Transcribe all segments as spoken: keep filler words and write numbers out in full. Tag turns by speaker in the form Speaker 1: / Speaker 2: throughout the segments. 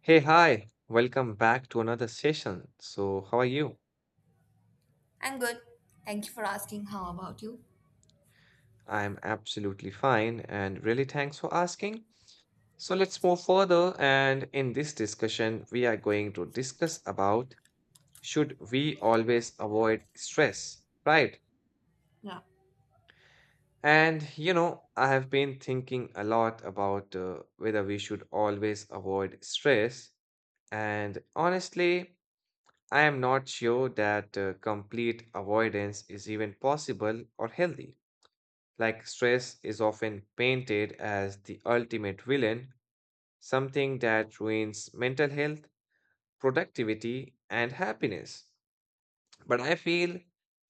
Speaker 1: Hey, hi, welcome back to another session. So, how are you?
Speaker 2: I'm good. Thank you for asking. How about you?
Speaker 1: I'm absolutely fine and really thanks for asking. So, let's move further. And in this discussion, we are going to discuss about should we always avoid stress, right?
Speaker 2: Yeah.
Speaker 1: And you know, I have been thinking a lot about uh, whether we should always avoid stress. And honestly, I am not sure that uh, complete avoidance is even possible or healthy. Like stress is often painted as the ultimate villain, something that ruins mental health, productivity, and happiness. But I feel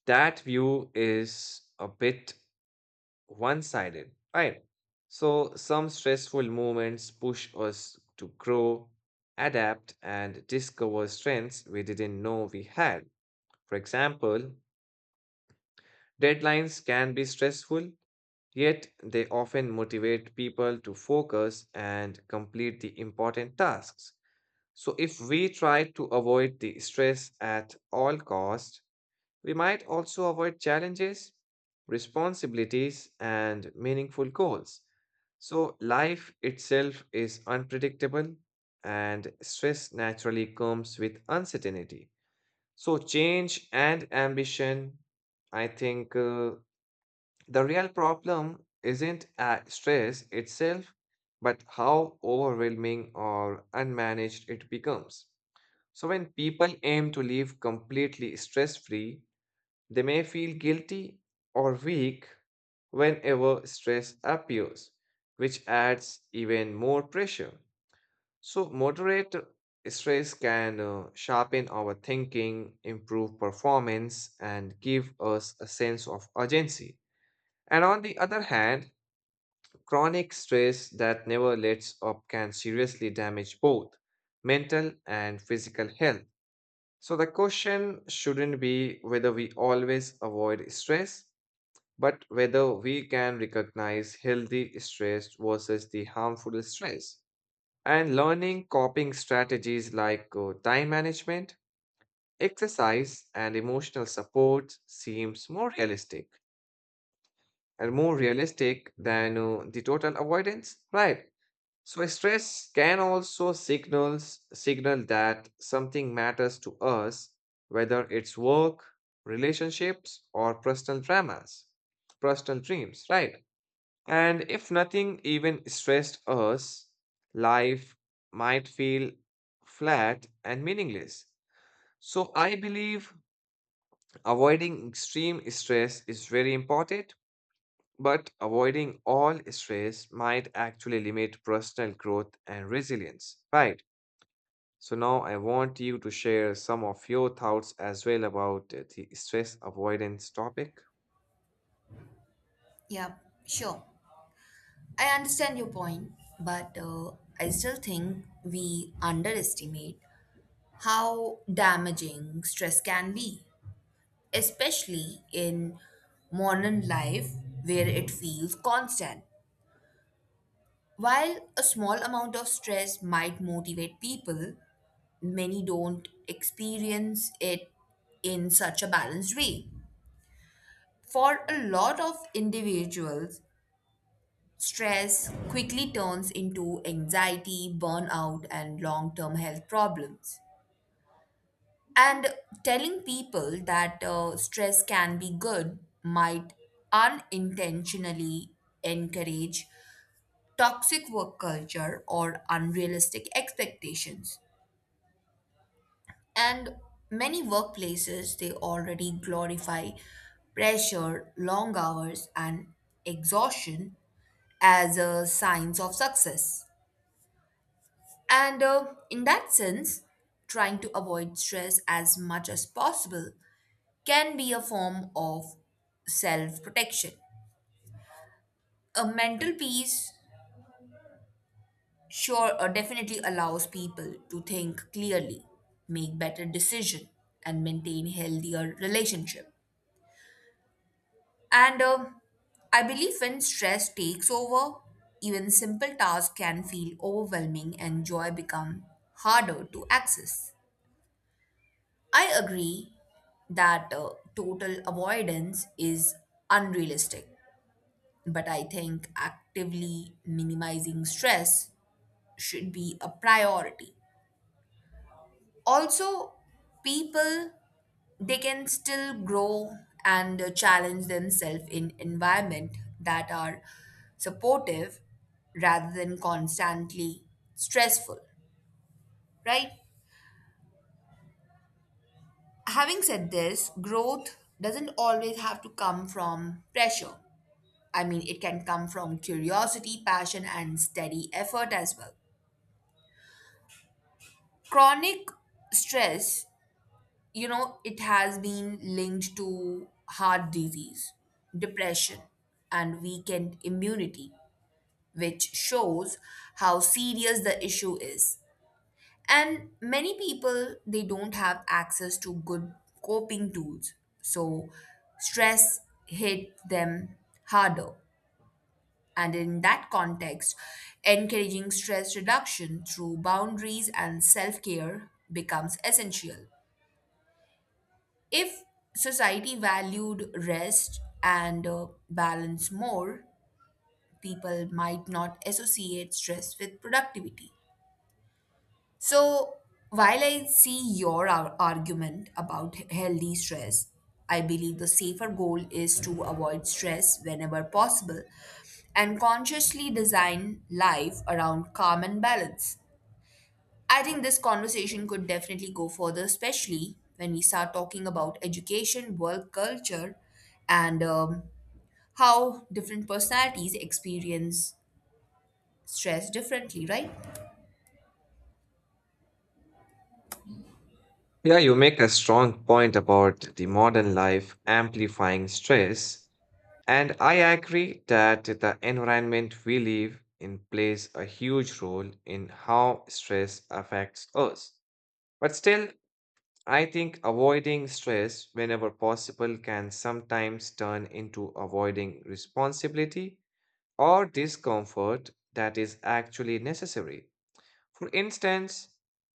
Speaker 1: that view is a bit one sided, right? So some stressful moments push us to grow, adapt, and discover strengths we didn't know we had. For example, deadlines can be stressful. Yet, they often motivate people to focus and complete the important tasks. So, if we try to avoid the stress at all costs, we might also avoid challenges, responsibilities, and meaningful goals. So, life itself is unpredictable, and stress naturally comes with uncertainty. So, change and ambition, I think, uh, the real problem isn't uh, stress itself, but how overwhelming or unmanaged it becomes. So, when people aim to live completely stress free, they may feel guilty or weak whenever stress appears, which adds even more pressure. So, moderate stress can uh, sharpen our thinking, improve performance, and give us a sense of urgency. And on the other hand, chronic stress that never lets up can seriously damage both mental and physical health. So, the question shouldn't be whether we always avoid stress, but whether we can recognize healthy stress versus the harmful stress. And learning coping strategies like uh, time management, exercise, and emotional support seems more realistic and more realistic than uh, the total avoidance, right? So stress can also signals signal that something matters to us, whether it's work, relationships, or personal dramas, personal dreams, right? And if nothing even stressed us, life might feel flat and meaningless. So I believe avoiding extreme stress is very important, but avoiding all stress might actually limit personal growth and resilience, right? So now I want you to share some of your thoughts as well about uh, the stress avoidance topic.
Speaker 2: Yeah, sure. I understand your point, but uh, I still think we underestimate how damaging stress can be, especially in modern life where it feels constant. While a small amount of stress might motivate people, many don't experience it in such a balanced way. For a lot of individuals, stress quickly turns into anxiety, burnout, and long term health problems. And telling people that uh, stress can be good might unintentionally encourage toxic work culture or unrealistic expectations. And many workplaces they already glorify pressure, long hours, and exhaustion as a signs of success. And uh, In that sense, trying to avoid stress as much as possible can be a form of self protection. A mental peace sure uh, definitely allows people to think clearly, make better decision, and maintain healthier relationship. And uh, I believe when stress takes over, even simple tasks can feel overwhelming and joy become harder to access. I agree that uh, total avoidance is unrealistic, but I think actively minimizing stress should be a priority. Also, people they can still grow and uh, challenge themselves in environment that are supportive rather than constantly stressful, right? Having said this, growth doesn't always have to come from pressure. I mean, it can come from curiosity, passion, and steady effort as well. Chronic stress, you know, it has been linked to heart disease, depression, and weakened immunity, which shows how serious the issue is. And many people, they don't have access to good coping tools. So stress hit them harder. And in that context, encouraging stress reduction through boundaries and self care becomes essential. If society valued rest and uh, balance more, people might not associate stress with productivity. So, while I see your ar- argument about he- healthy stress, I believe the safer goal is to avoid stress whenever possible and consciously design life around calm and balance. I think this conversation could definitely go further, especially when we start talking about education, work culture, and um, how different personalities experience stress differently, right?
Speaker 1: Yeah, you make a strong point about the modern life amplifying stress, and I agree that the environment we live in plays a huge role in how stress affects us. But still, I think avoiding stress whenever possible can sometimes turn into avoiding responsibility or discomfort that is actually necessary. For instance,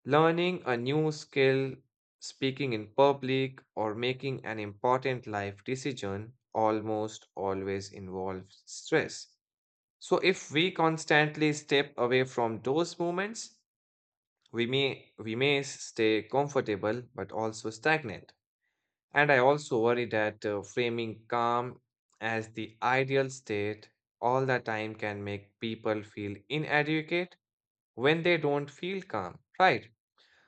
Speaker 1: learning a new skill, speaking in public, or making an important life decision almost always involves stress. So if we constantly step away from those moments, we may we may stay comfortable but also stagnant. And I also worry that uh, framing calm as the ideal state all the time can make people feel inadequate when they don't feel calm, right?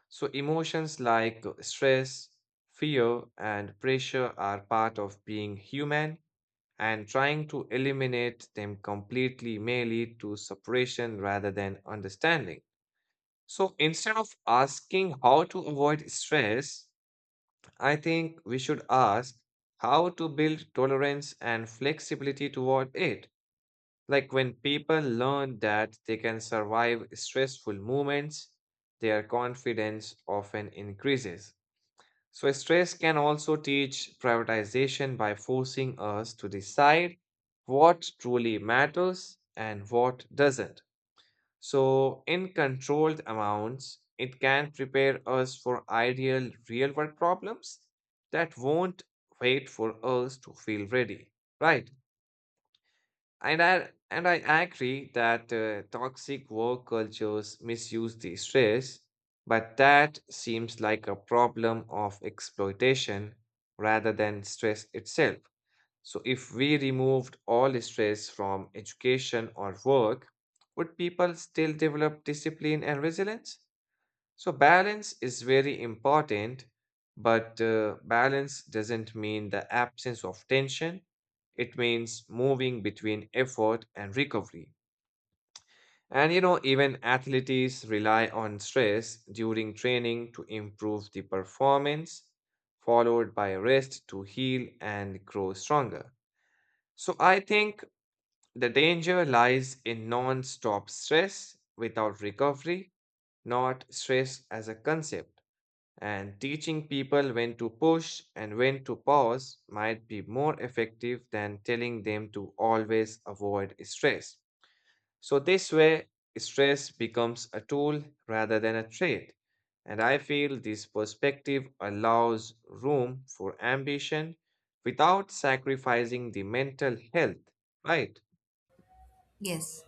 Speaker 1: So, emotions like uh, stress, fear, and pressure are part of being human, and trying to eliminate them completely may lead to separation rather than understanding. So, instead of asking how to avoid stress, I think we should ask how to build tolerance and flexibility toward it. Like when people learn that they can survive stressful moments, their confidence often increases. So, stress can also teach prioritization by forcing us to decide what truly matters and what doesn't. So, in controlled amounts, it can prepare us for ideal real world problems that won't wait for us to feel ready. Right. And I, and I agree that uh, toxic work cultures misuse the stress, but that seems like a problem of exploitation rather than stress itself. So, if we removed all stress from education or work, would people still develop discipline and resilience? So, balance is very important, but uh, balance doesn't mean the absence of tension. It means moving between effort and recovery. And you know, even athletes rely on stress during training to improve the performance, followed by rest to heal and grow stronger. So I think the danger lies in non stop stress without recovery, not stress as a concept. And teaching people when to push and when to pause might be more effective than telling them to always avoid stress. So, this way, stress becomes a tool rather than a trait. And I feel this perspective allows room for ambition without sacrificing the mental health, right?
Speaker 2: Yes.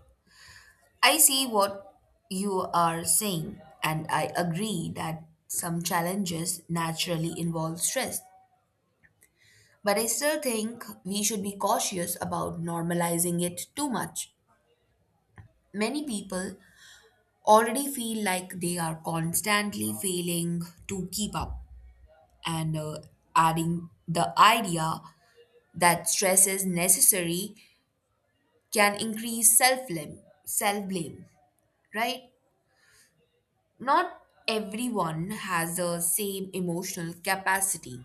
Speaker 2: I see what you are saying, and I agree that some challenges naturally involve stress. But I still think we should be cautious about normalizing it too much. Many people already feel like they are constantly failing to keep up, and uh, adding the idea that stress is necessary can increase self blame, self blame, right? Not everyone has the same emotional capacity,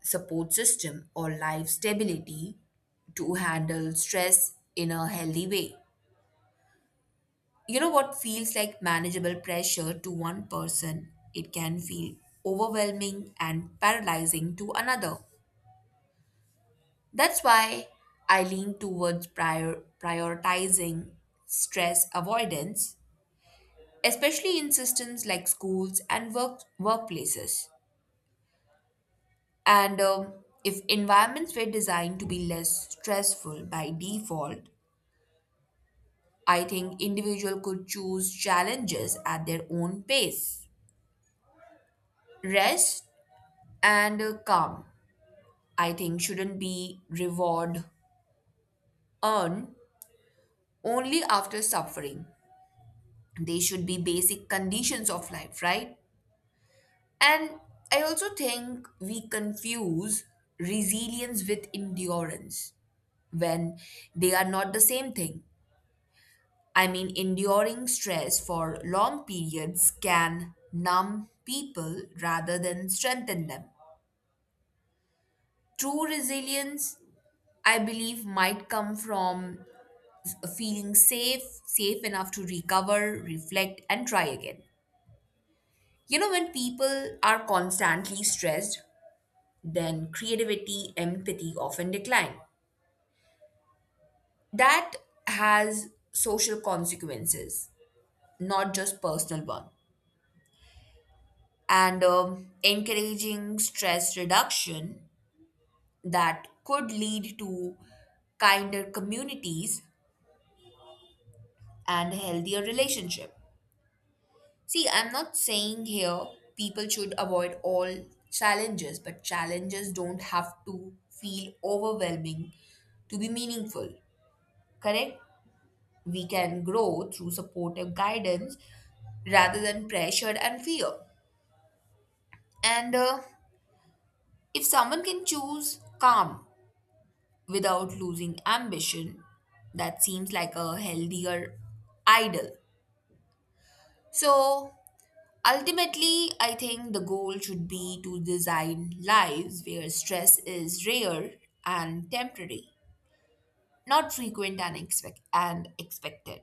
Speaker 2: support system, or life stability to handle stress in a healthy way. You know what feels like manageable pressure to one person, it can feel overwhelming and paralyzing to another. That's why I lean towards prior- prioritizing stress avoidance, especially in systems like schools and work- workplaces. And um, If environments were designed to be less stressful by default, I think individual could choose challenges at their own pace. Rest and uh, calm, I think, shouldn't be reward earned only after suffering. They should be basic conditions of life, right? And I also think we confuse resilience with endurance when they are not the same thing. I mean, enduring stress for long periods can numb people rather than strengthen them. True resilience, I believe, might come from f- feeling safe, safe enough to recover, reflect, and try again. You know, when people are constantly stressed, then creativity, empathy often decline. That has social consequences, not just personal one. and um, encouraging stress reduction that could lead to kinder communities and healthier relationship. See, I'm not saying here people should avoid all challenges, but challenges don't have to feel overwhelming to be meaningful. Correct. We can grow through supportive guidance rather than pressure and fear, and uh, if someone can choose calm without losing ambition. That seems like a healthier ideal. So ultimately, I think the goal should be to design lives where stress is rare and temporary, not frequent and, expect- and expected.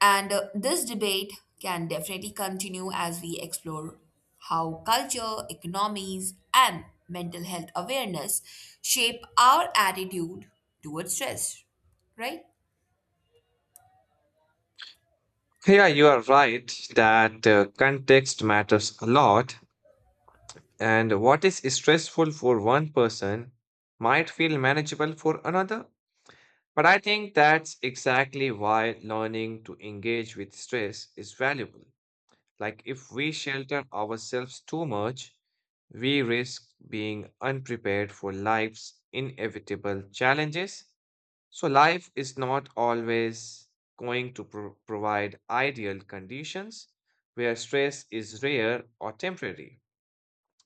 Speaker 2: And uh, this debate can definitely continue as we explore how culture, economies, and mental health awareness shape our attitude towards stress, right?
Speaker 1: Yeah, you are right that uh, context matters a lot, and what is stressful for one person might feel manageable for another. But I think that's exactly why learning to engage with stress is valuable. Like, if we shelter ourselves too much, we risk being unprepared for life's inevitable challenges. So life is not always going to pro- provide ideal conditions where stress is rare or temporary,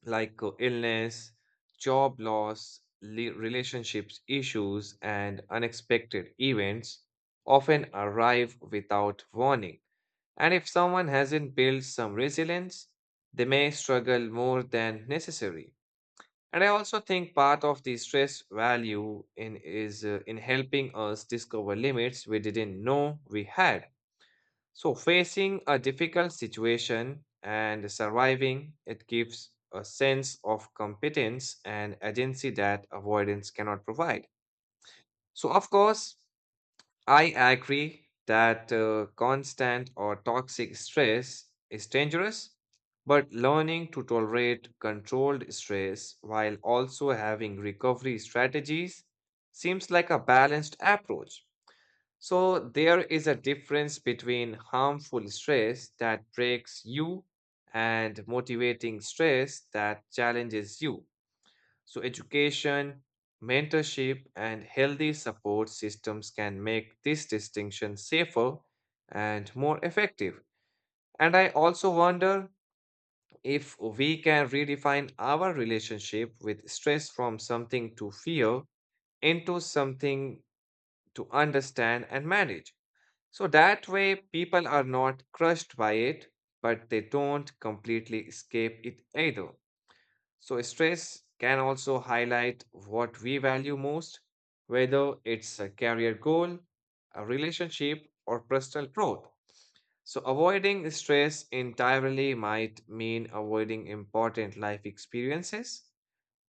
Speaker 1: like uh, illness, job loss, le- relationships issues, and unexpected events often arrive without warning. And if someone hasn't built some resilience, they may struggle more than necessary. And I also think part of the stress value in is uh, in helping us discover limits we didn't know we had. So facing a difficult situation and surviving it gives a sense of competence and agency that avoidance cannot provide. So of course, I agree that uh, constant or toxic stress is dangerous, but learning to tolerate controlled stress while also having recovery strategies seems like a balanced approach. So, there is a difference between harmful stress that breaks you and motivating stress that challenges you. So, education, mentorship, and healthy support systems can make this distinction safer and more effective. And I also wonder if we can redefine our relationship with stress from something to fear into something to understand and manage. So that way, people are not crushed by it, but they don't completely escape it either. So, stress can also highlight what we value most, whether it's a career goal, a relationship, or personal growth. So, avoiding stress entirely might mean avoiding important life experiences.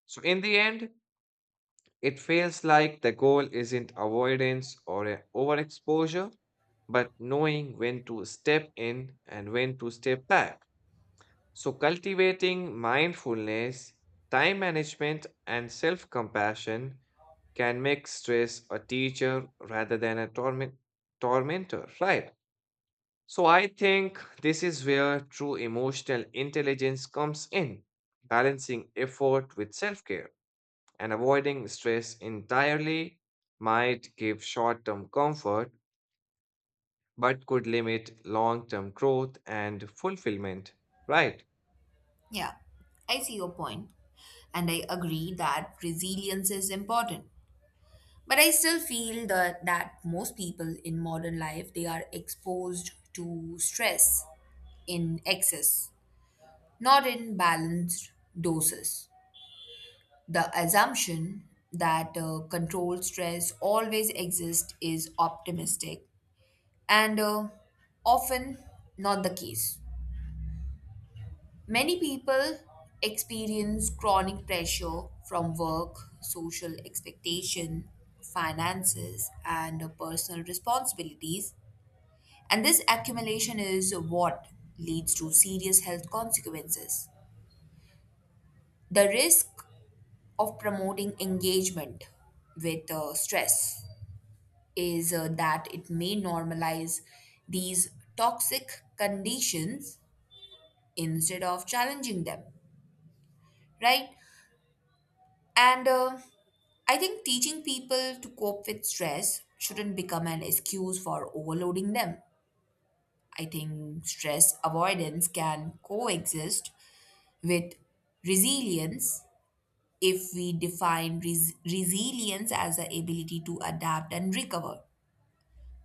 Speaker 1: So, in the end, it feels like the goal isn't avoidance or a overexposure, but knowing when to step in and when to step back. So, cultivating mindfulness, time management, and self compassion can make stress a teacher rather than a torment- tormentor, right? So, I think this is where true emotional intelligence comes in, balancing effort with self care and avoiding stress entirely might give short term comfort but could limit long term growth and fulfillment, right?
Speaker 2: Yeah, I see your point, and I agree that resilience is important. But I still feel that, that most people in modern life they are exposed to stress in excess, not in balanced doses. The assumption that uh, controlled stress always exists is optimistic and uh, often not the case. Many people experience chronic pressure from work, social expectation, finances, and personal responsibilities, and this accumulation is what leads to serious health consequences. The risk of promoting engagement with uh, stress is uh, that it may normalize these toxic conditions instead of challenging them, right? And uh, I think teaching people to cope with stress shouldn't become an excuse for overloading them. I think stress avoidance can coexist with resilience if we define res- resilience as the ability to adapt and recover,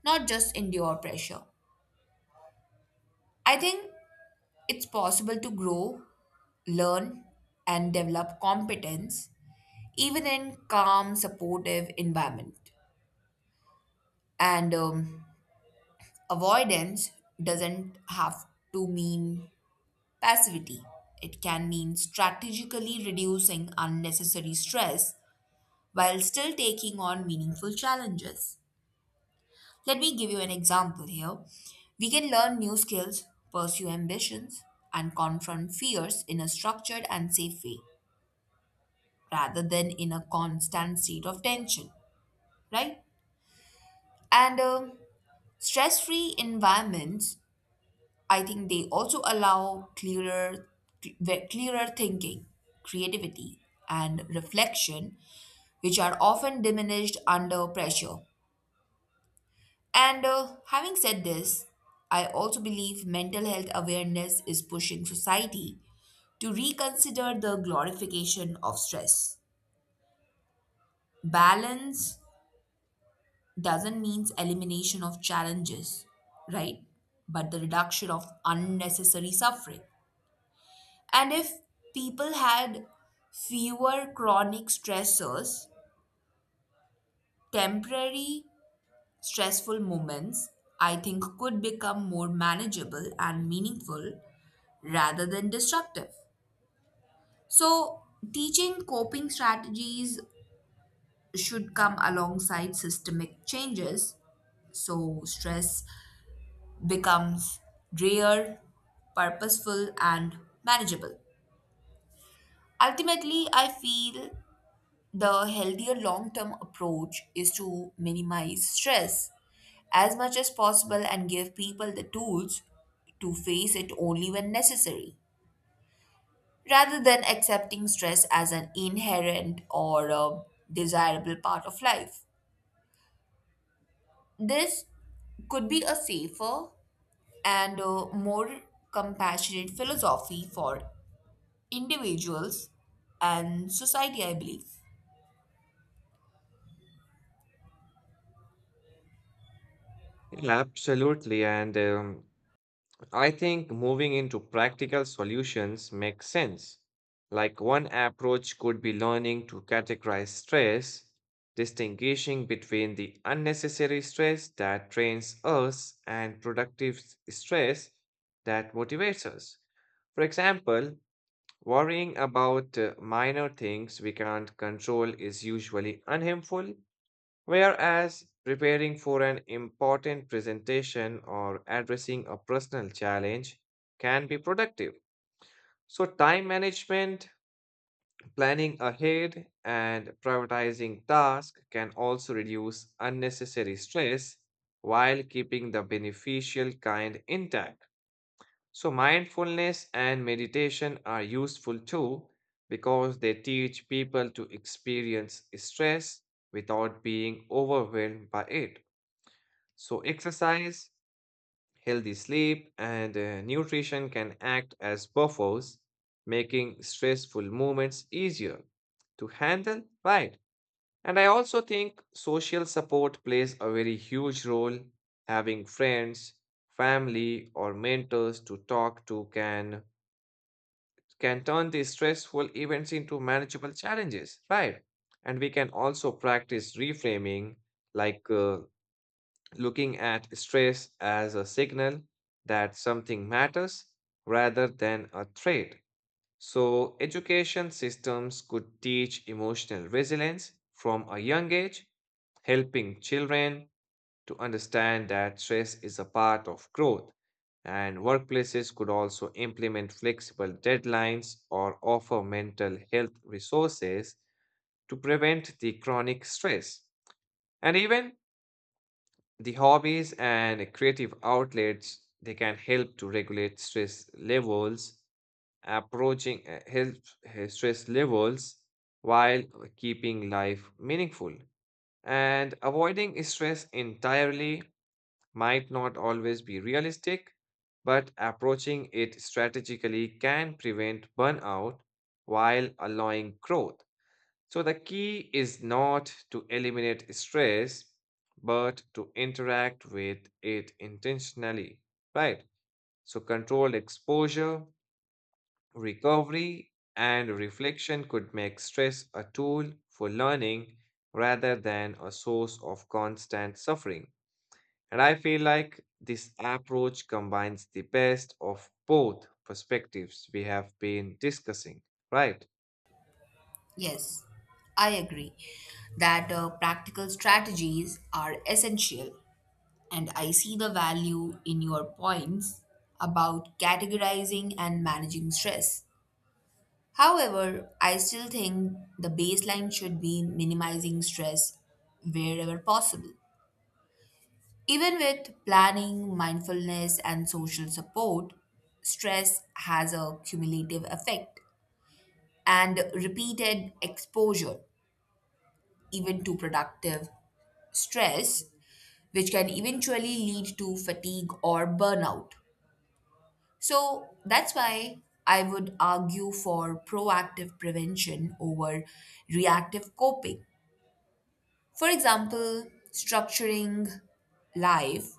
Speaker 2: not just endure pressure. I think it's possible to grow, learn, and develop competence even in calm, supportive environment. And um, Avoidance doesn't have to mean passivity. It can mean strategically reducing unnecessary stress while still taking on meaningful challenges. Let me give you an example here. We can learn new skills, pursue ambitions, and confront fears in a structured and safe way rather than in a constant state of tension, right? And uh, stress free environments I think they also allow clearer, ve- clearer thinking, creativity, and reflection, which are often diminished under pressure. And uh, Having said this, I also believe mental health awareness is pushing society to reconsider the glorification of stress. Balance doesn't mean elimination of challenges, right? But the reduction of unnecessary suffering. And if people had fewer chronic stressors, temporary stressful moments, I think, could become more manageable and meaningful rather than destructive. So, teaching coping strategies should come alongside systemic changes. So, stress becomes rare, purposeful, and manageable. Ultimately, I feel the healthier long term approach is to minimize stress as much as possible and give people the tools to face it only when necessary, rather than accepting stress as an inherent or a desirable part of life. This could be a safer and a more compassionate philosophy for individuals and society, I believe.
Speaker 1: Yeah, absolutely. And um, I think moving into practical solutions makes sense. Like one approach could be learning to categorize stress, distinguishing between the unnecessary stress that drains us and productive s- stress that motivates us. For example, worrying about uh, minor things we can't control is usually unhelpful. Whereas preparing for an important presentation or addressing a personal challenge can be productive. So, time management, planning ahead, and prioritizing tasks can also reduce unnecessary stress while keeping the beneficial kind intact. So, mindfulness and meditation are useful too because they teach people to experience stress without being overwhelmed by it. So, exercise, healthy sleep, and uh, nutrition can act as buffers, making stressful moments easier to handle, right? And I also think social support plays a very huge role. Having friends, family, or mentors to talk to can can turn these stressful events into manageable challenges, right? And we can also practice reframing, like uh, looking at stress as a signal that something matters rather than a threat. So, education systems could teach emotional resilience from a young age, helping children to understand that stress is a part of growth. And workplaces could also implement flexible deadlines or offer mental health resources to prevent the chronic stress. And even the hobbies and creative outlets they can help to regulate stress levels, approaching uh, help uh, stress levels while keeping life meaningful. And avoiding stress entirely might not always be realistic, but approaching it strategically can prevent burnout while allowing growth. So the key is not to eliminate stress, but to interact with it intentionally, right? So controlled exposure, recovery, and reflection could make stress a tool for learning rather than a source of constant suffering. And I feel like this approach combines the best of both perspectives we have been discussing, right?
Speaker 2: Yes, I agree that uh, practical strategies are essential, and I see the value in your points about categorizing and managing stress. However, I still think the baseline should be minimizing stress wherever possible. Even with planning, mindfulness, and social support, stress has a cumulative effect, and repeated exposure, even to productive stress, which can eventually lead to fatigue or burnout. So that's why I would argue for proactive prevention over reactive coping. For example, structuring life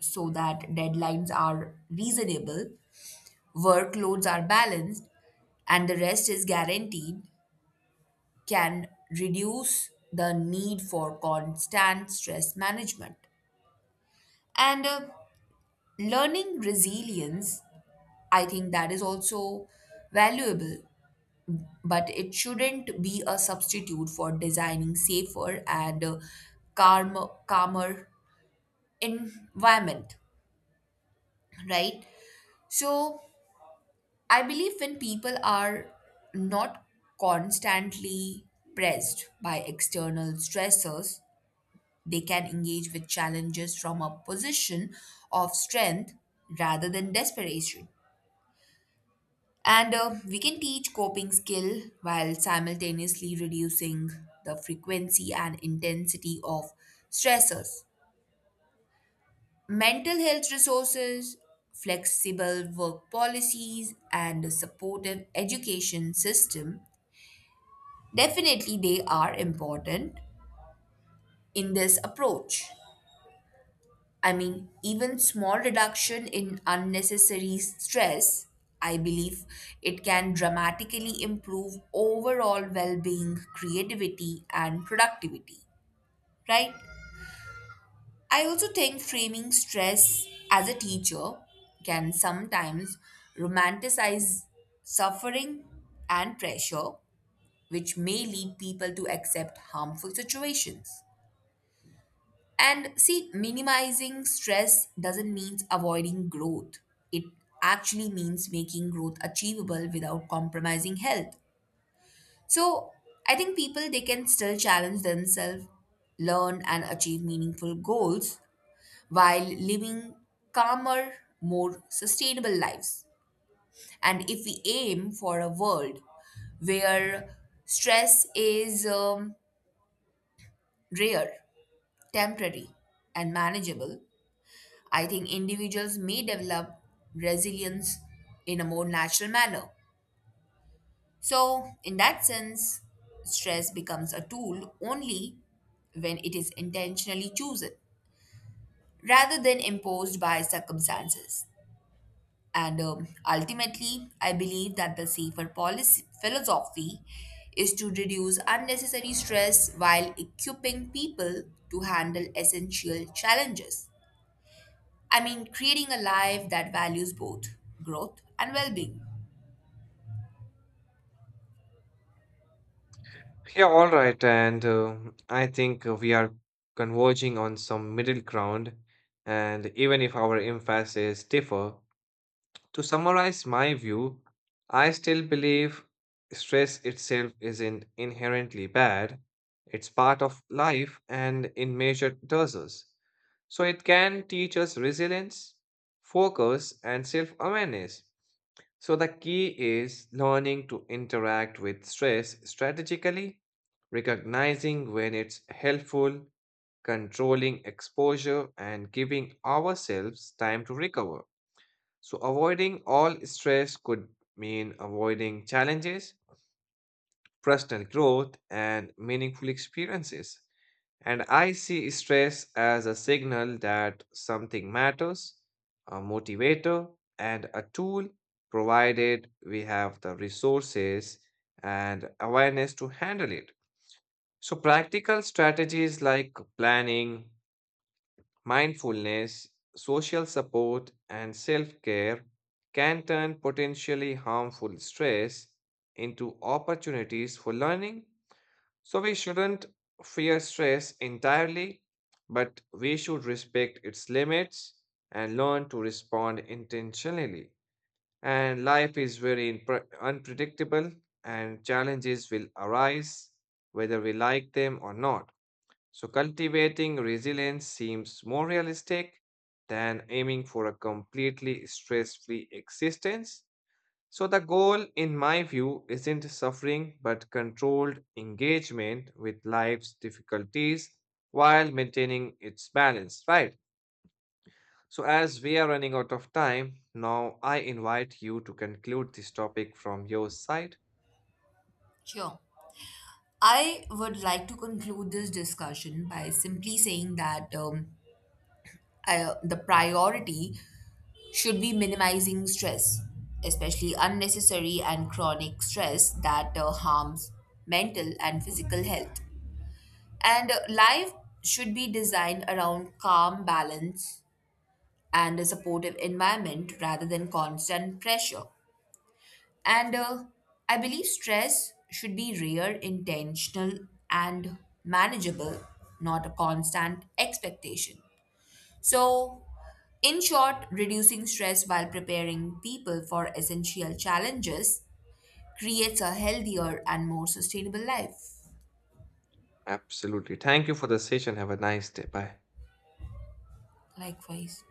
Speaker 2: so that deadlines are reasonable, workloads are balanced, and the rest is guaranteed can reduce the need for constant stress management. And uh, Learning resilience, I think that is also valuable, but it shouldn't be a substitute for designing safer and uh, calmer, calmer environment, right? So I believe when people are not constantly pressed by external stressors, they can engage with challenges from a position of strength rather than desperation. And uh, We can teach coping skill while simultaneously reducing the frequency and intensity of stressors. Mental health resources, flexible work policies, and a supportive education system definitely they are important in this approach. I mean, even small reduction in unnecessary stress, I believe it can dramatically improve overall well being, creativity, and productivity, right? I also think framing stress as a teacher can sometimes romanticize suffering and pressure, which may lead people to accept harmful situations. And see, minimizing stress doesn't mean avoiding growth. It actually means making growth achievable without compromising health. So, I think people they can still challenge themselves, learn and achieve meaningful goals while living calmer, more sustainable lives. And if we aim for a world where stress is um, rare, temporary, and manageable, I think individuals may develop resilience in a more natural manner. So, in that sense, stress becomes a tool only when it is intentionally chosen rather than imposed by circumstances. And um, Ultimately, I believe that the safer policy philosophy is to reduce unnecessary stress while equipping people to handle essential challenges. I mean, creating a life that values both growth and well being.
Speaker 1: Yeah, all right. And uh, I think uh, we are converging on some middle ground. And even if our emphasis differ, to summarize my view, I still believe stress itself isn't inherently bad. It's part of life and in measured doses. So it can teach us resilience, focus, and self awareness. So the key is learning to interact with stress strategically, recognizing when it's helpful, controlling exposure, and giving ourselves time to recover. So, avoiding all stress could mean avoiding challenges, personal growth, and meaningful experiences. And I see stress as a signal that something matters, a motivator, and a tool, provided we have the resources and awareness to handle it. So, practical strategies like planning, mindfulness, social support, and self care can turn potentially harmful stress into opportunities for learning. So, we shouldn't fear stress entirely, but we should respect its limits and learn to respond intentionally. And life is very unpre- unpredictable, and challenges will arise whether we like them or not. So cultivating resilience seems more realistic than aiming for a completely stress-free existence. So the goal, in my view, isn't suffering but controlled engagement with life's difficulties while maintaining its balance, right? So, as we are running out of time, now I invite you to conclude this topic from your side.
Speaker 2: Sure. I would like to conclude this discussion by simply saying that um, I, the priority should be minimizing stress, especially unnecessary and chronic stress that uh, harms mental and physical health. And uh, Life should be designed around calm balance and a supportive environment rather than constant pressure. And uh, I believe stress should be rare, intentional, and manageable, not a constant expectation. So, in short, reducing stress while preparing people for essential challenges creates a healthier and more sustainable life.
Speaker 1: Absolutely. Thank you for the session. Have a nice day. Bye.
Speaker 2: Likewise.